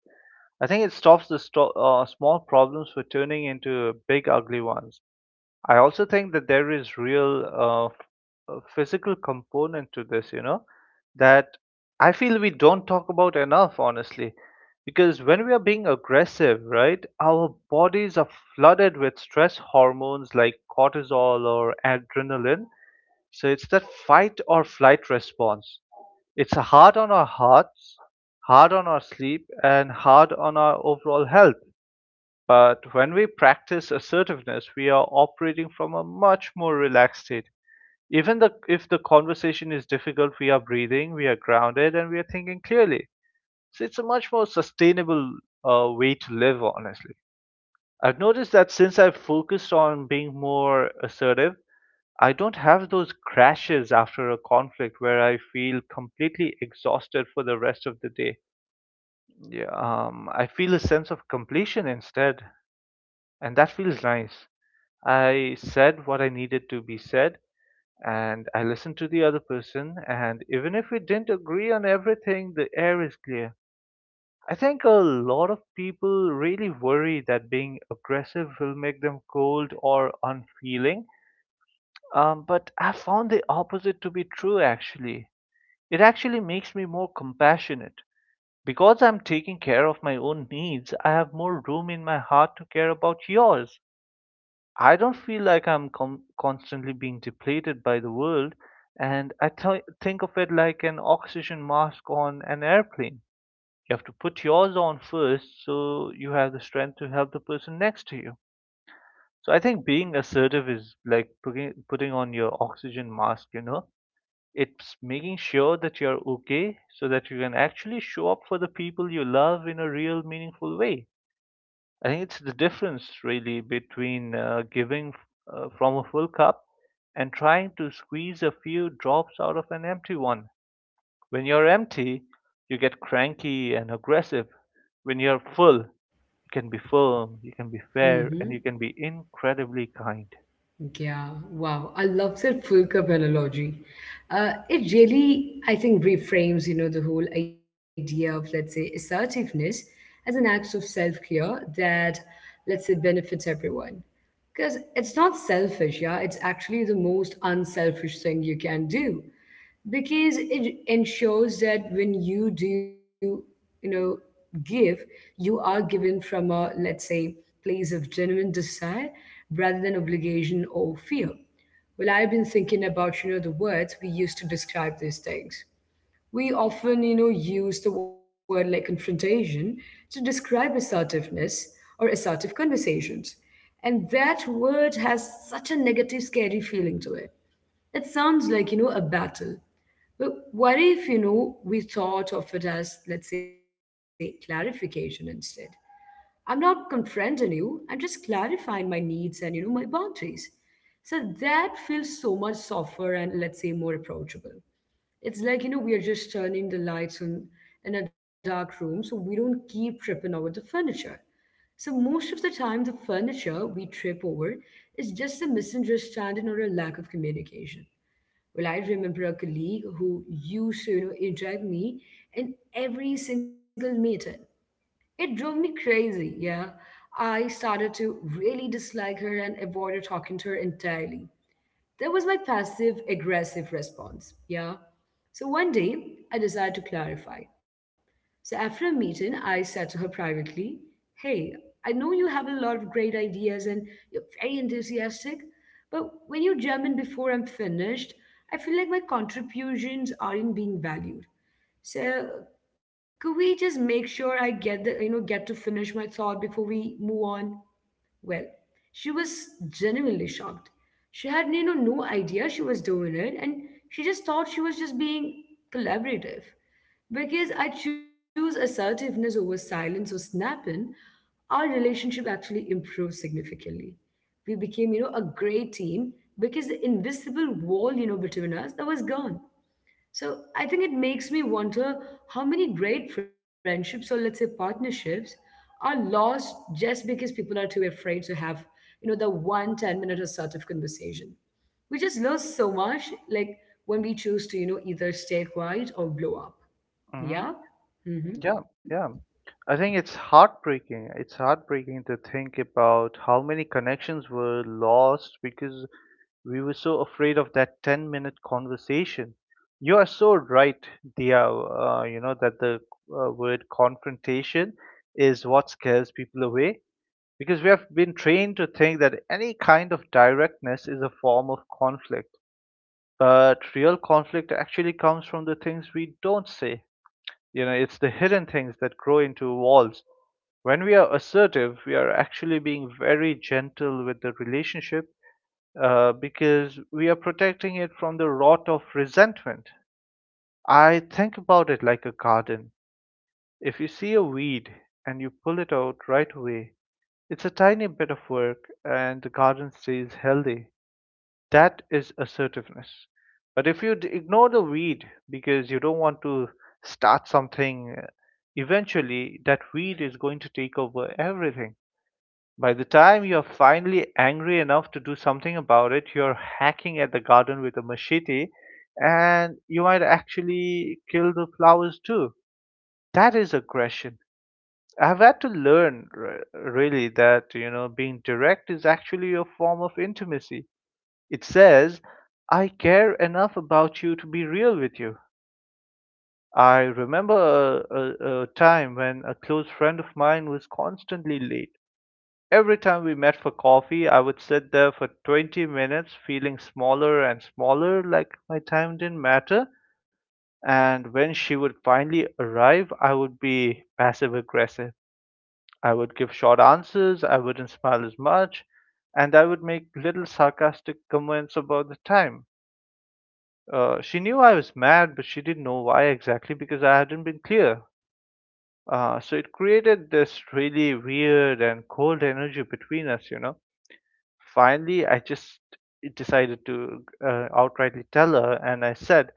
I think it stops the small problems for turning into big, ugly ones. I also think that there is real physical component to this, you know, that I feel we don't talk about enough, honestly. Because when we are being aggressive, right, our bodies are flooded with stress hormones like cortisol or adrenaline. So it's that fight or flight response. It's hard on our hearts, hard on our sleep, and hard on our overall health. But when we practice assertiveness, we are operating from a much more relaxed state. Even the, if the conversation is difficult, we are breathing, we are grounded, and we are thinking clearly. So it's a much more sustainable way to live, honestly. I've noticed that since I've focused on being more assertive, I don't have those crashes after a conflict where I feel completely exhausted for the rest of the day. Yeah, I feel a sense of completion instead. And that feels nice. I said what I needed to be said, and I listened to the other person, and even if we didn't agree on everything, the air is clear. I think a lot of people really worry that being aggressive will make them cold or unfeeling, but I found the opposite to be true actually. It actually makes me more compassionate. Because I'm taking care of my own needs, I have more room in my heart to care about yours. I don't feel like I'm constantly being depleted by the world, and I think of it like an oxygen mask on an airplane. You have to put yours on first so you have the strength to help the person next to you. So I think being assertive is like putting on your oxygen mask, you know. It's making sure that you're okay so that you can actually show up for the people you love in a real meaningful way. I think it's the difference really between giving from a full cup and trying to squeeze a few drops out of an empty one. When you're empty, you get cranky and aggressive. When you're full, you can be firm, you can be fair, and you can be incredibly kind.
Yeah. Wow. I love that full cup analogy. It really, I think, reframes, the whole idea of, let's say, assertiveness as an act of self-care that, let's say, benefits everyone. Because it's not selfish, yeah. It's actually the most unselfish thing you can do, because it ensures that when you do, you know give, you are given from a, let's say, place of genuine desire rather than obligation or fear. Well, I've been thinking about, the words we use to describe these things. We often, use the word like confrontation to describe assertiveness or assertive conversations, and that word has such a negative, scary feeling to it. It sounds like, a battle. But what if, we thought of it as, let's say, clarification instead? I'm not confronting you, I'm just clarifying my needs and, my boundaries. So that feels so much softer and, let's say, more approachable. It's like, we are just turning the lights on in a dark room so we don't keep tripping over the furniture. So most of the time, the furniture we trip over is just a misunderstanding or a lack of communication. Well, I remember a colleague who used to, interrupt me in every single meeting. It drove me crazy, yeah. I started to really dislike her and avoided talking to her entirely. That was my passive aggressive response. Yeah. So one day, I decided to clarify. So after a meeting, I said to her privately, hey, I know you have a lot of great ideas and you're very enthusiastic, but when you jump in before I'm finished, I feel like my contributions aren't being valued. So could we just make sure I get the get to finish my thought before we move on? Well, she was genuinely shocked. She had, no idea she was doing it, and she just thought she was just being collaborative. Because I choose assertiveness over silence or snapping, our relationship actually improved significantly. We became, a great team because the invisible wall, between us that was gone. So I think it makes me wonder how many great friendships or, let's say, partnerships are lost just because people are too afraid to have, the one 10-minute or sort of conversation. We just lose so much, like when we choose to, either stay quiet or blow up.
Hmm.
Yeah? Hmm.
Yeah, yeah. I think it's heartbreaking. It's heartbreaking to think about how many connections were lost because we were so afraid of that 10-minute minute conversation. You are so right, Dia, you know, that the word confrontation is what scares people away because we have been trained to think that any kind of directness is a form of conflict. But real conflict actually comes from the things we don't say. You know, it's the hidden things that grow into walls. When we are assertive, we are actually being very gentle with the relationship because we are protecting it from the rot of resentment. I think about it like a garden. If you see a weed and you pull it out right away, it's a tiny bit of work and the garden stays healthy. That is assertiveness. But if you ignore the weed because you don't want to start something, eventually that weed is going to take over everything. By the time you're finally angry enough to do something about it, you're hacking at the garden with a machete and you might actually kill the flowers too. That is aggression. I've had to learn, really, that, you know, being direct is actually a form of intimacy. It says, I care enough about you to be real with you. I remember a time when a close friend of mine was constantly late. Every time we met for coffee, I would sit there for 20 minutes feeling smaller and smaller, like my time didn't matter. And when she would finally arrive, I would be passive aggressive. I would give short answers, I wouldn't smile as much, and I would make little sarcastic comments about the time. She knew I was mad, but she didn't know why exactly because I hadn't been clear. So it created this really weird and cold energy between us, you know. Finally, I just decided to outrightly tell her, and I said,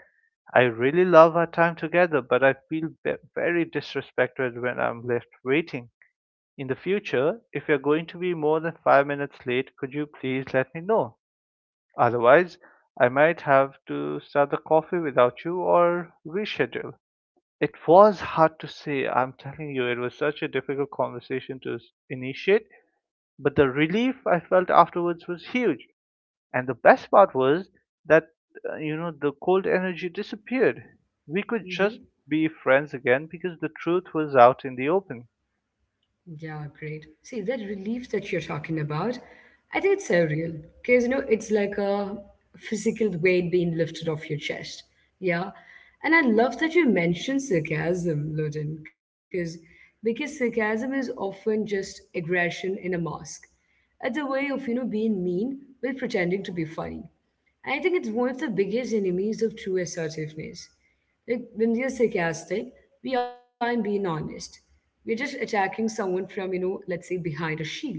I really love our time together, but I feel very disrespected when I'm left waiting. In the future, if you're going to be more than 5 minutes late, could you please let me know? Otherwise, I might have to start the coffee without you or reschedule. It was hard to say, I'm telling you, it was such a difficult conversation to initiate, but the relief I felt afterwards was huge. And the best part was that, you know, the cold energy disappeared. We could just be friends again because the truth was out in the open.
Yeah, great. See, that relief that you're talking about, I think it's so real because you know it's like a physical weight being lifted off your chest. Yeah, and I love that you mentioned sarcasm, Loden, because sarcasm is often just aggression in a mask. It's a way of being mean while pretending to be funny. I think it's one of the biggest enemies of true assertiveness. Like, when we are sarcastic, we aren't being honest. We're just attacking someone from, let's say, behind a shield.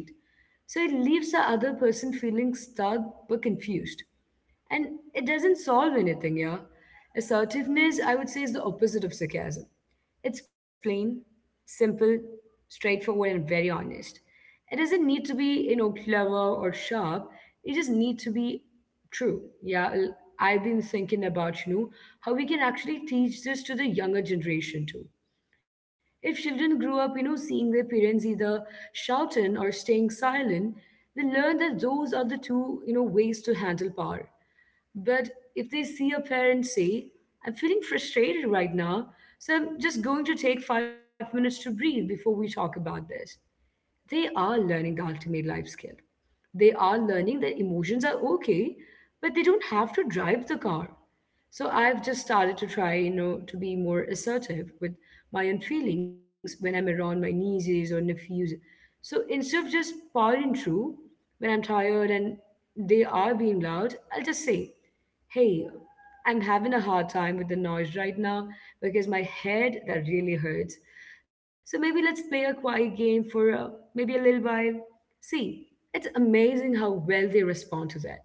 So it leaves the other person feeling stuck but confused. And it doesn't solve anything, yeah. Assertiveness, I would say, is the opposite of sarcasm. It's plain, simple, straightforward, and very honest. It doesn't need to be, clever or sharp. It just need to be true. Yeah, I've been thinking about, how we can actually teach this to the younger generation too. If children grew up, seeing their parents either shouting or staying silent, they learn that those are the two, ways to handle power. But if they see a parent say, I'm feeling frustrated right now, so I'm just going to take 5 minutes to breathe before we talk about this, they are learning the ultimate life skill. They are learning that emotions are okay, but they don't have to drive the car. So I've just started to try, to be more assertive with my own feelings when I'm around my nieces or nephews. So instead of just powering through when I'm tired and they are being loud, I'll just say, "Hey, I'm having a hard time with the noise right now because my head that really hurts. So maybe let's play a quiet game for maybe a little while." See, it's amazing how well they respond to that.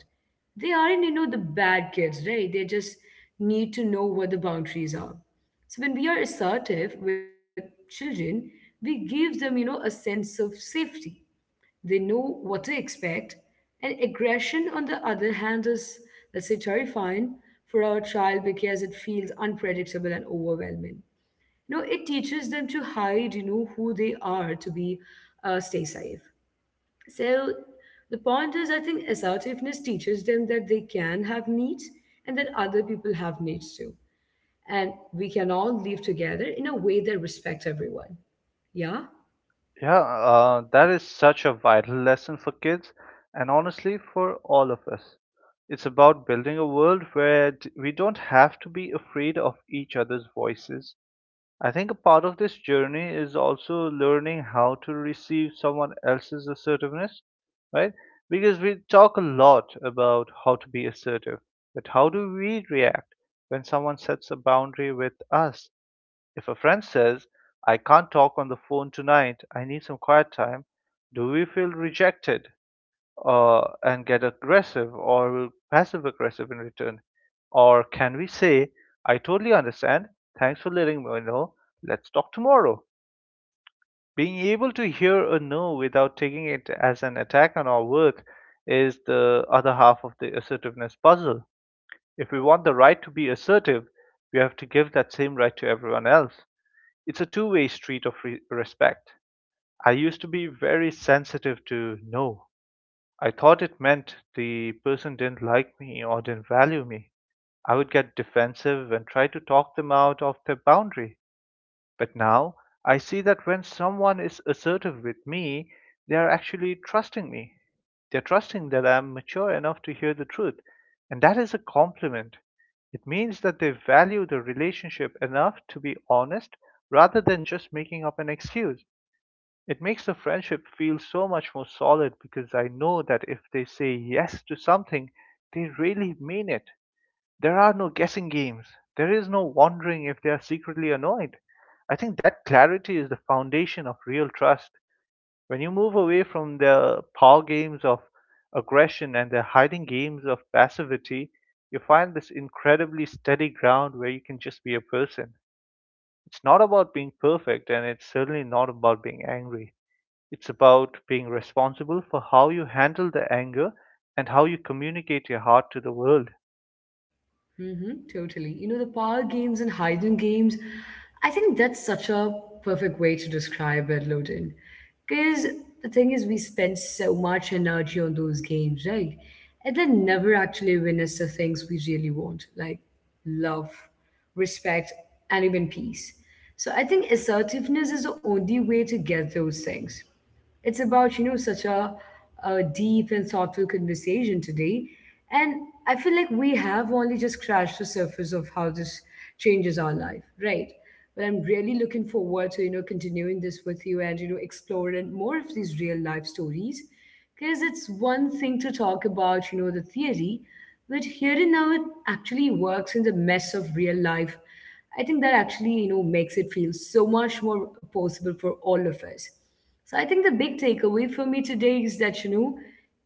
They aren't, you know, the bad kids, right? They just need to know what the boundaries are. So when we are assertive with children, we give them, you know, a sense of safety. They know what to expect. And aggression, on the other hand, is, let's say, terrifying for our child because it feels unpredictable and overwhelming. You know, it teaches them to hide, you know, who they are to be, stay safe. So the point is, I think assertiveness teaches them that they can have needs and that other people have needs too. And we can all live together in a way that respects everyone. Yeah?
Yeah, that is such a vital lesson for kids and honestly for all of us. It's about building a world where we don't have to be afraid of each other's voices. I think a part of this journey is also learning how to receive someone else's assertiveness, right? Because we talk a lot about how to be assertive, but how do we react when someone sets a boundary with us? If a friend says, I can't talk on the phone tonight, I need some quiet time, do we feel rejected? And get aggressive or passive aggressive in return? Or can we say, I totally understand, thanks for letting me know, let's talk tomorrow? Being able to hear a no without taking it as an attack on our worth is the other half of the assertiveness puzzle. If we want the right to be assertive, we have to give that same right to everyone else. It's a two-way street of respect. I used to be very sensitive to no. I thought it meant the person didn't like me or didn't value me. I would get defensive and try to talk them out of their boundary. But now I see that when someone is assertive with me, they are actually trusting me. They're trusting that I'm mature enough to hear the truth, and that is a compliment. It means that they value the relationship enough to be honest rather than just making up an excuse. It makes the friendship feel so much more solid because I know that if they say yes to something, they really mean it. There are no guessing games. There is no wondering if they are secretly annoyed. I think that clarity is the foundation of real trust. When you move away from the power games of aggression and the hiding games of passivity, you find this incredibly steady ground where you can just be a person. It's not about being perfect, and it's certainly not about being angry. It's about being responsible for how you handle the anger and how you communicate your heart to the world.
Mm-hmm, totally. You know, the power games and hidden games, I think that's such a perfect way to describe it, Loden. Because the thing is, we spend so much energy on those games, right? And then never actually witness the things we really want, like love, respect, and even peace. So I think assertiveness is the only way to get those things. It's about, you know, such a deep and thoughtful conversation today. And I feel like we have only just scratched the surface of how this changes our life, right? But I'm really looking forward to, you know, continuing this with you and, you know, exploring more of these real life stories. Because it's one thing to talk about, you know, the theory, but here and now it actually works in the mess of real life, I think that actually, you know, makes it feel so much more possible for all of us. So I think the big takeaway for me today is that, you know,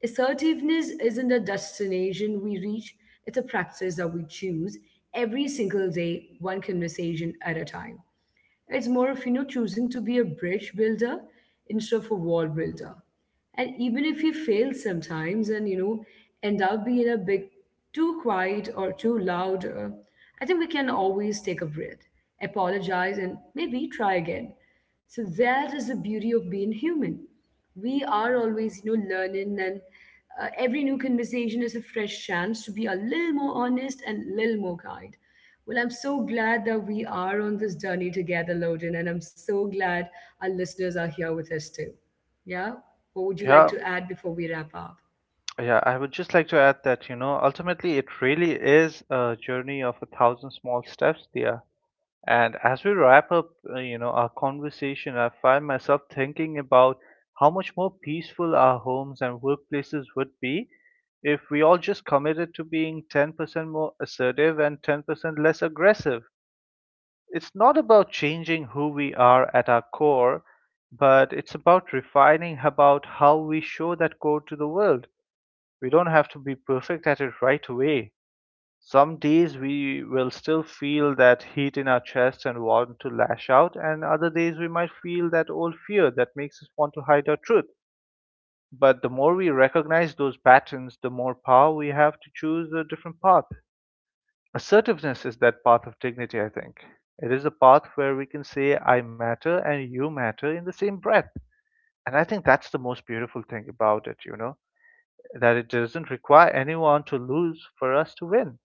assertiveness isn't a destination we reach, it's a practice that we choose every single day, one conversation at a time. It's more of, you know, choosing to be a bridge builder instead of a wall builder. And even if you fail sometimes and, you know, end up being a bit too quiet or too loud, I think we can always take a breath, apologize, and maybe try again. So that is the beauty of being human. We are always, you know, learning, and every new conversation is a fresh chance to be a little more honest and a little more kind. Well, I'm so glad that we are on this journey together, Loden, and I'm so glad our listeners are here with us too. Yeah? What would you like
Yeah,
to add before we wrap up?
yeah, I would just like to add that, you know, ultimately it really is a journey of a thousand small steps there. And as we wrap up, you know, our conversation, I find myself thinking about how much more peaceful our homes and workplaces would be if we all just committed to being 10% more assertive and 10% less aggressive. It's not about changing who we are at our core, but it's about refining about how we show that core to the world. We don't have to be perfect at it right away. Some days we will still feel that heat in our chest and want to lash out, and other days we might feel that old fear that makes us want to hide our truth. But the more we recognize those patterns, the more power we have to choose a different path. Assertiveness is that path of dignity, I think. It is a path where we can say, I matter and you matter in the same breath. And I think that's the most beautiful thing about it, you know, that it doesn't require anyone to lose for us to win.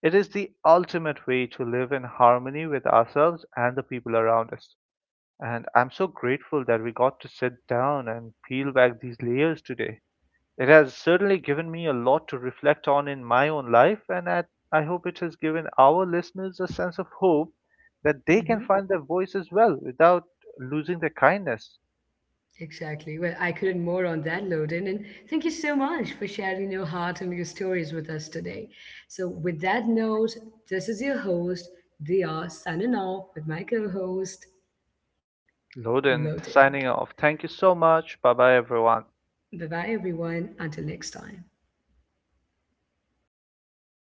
It is the ultimate way to live in harmony with ourselves and the people around us. And I'm so grateful that we got to sit down and peel back these layers today. It has certainly given me a lot to reflect on in my own life, and I hope it has given our listeners a sense of hope that they can
Hmm.
find their voice as well without losing their kindness.
Exactly. Well, I couldn't more on that, Loden. And thank you so much for sharing your heart and your stories with us today. So, with that note, this is your host, Dia, signing off with my co host,
Loden
Loden.
signing off. Thank you so much. Bye bye, everyone.
Bye bye, everyone. Until next time.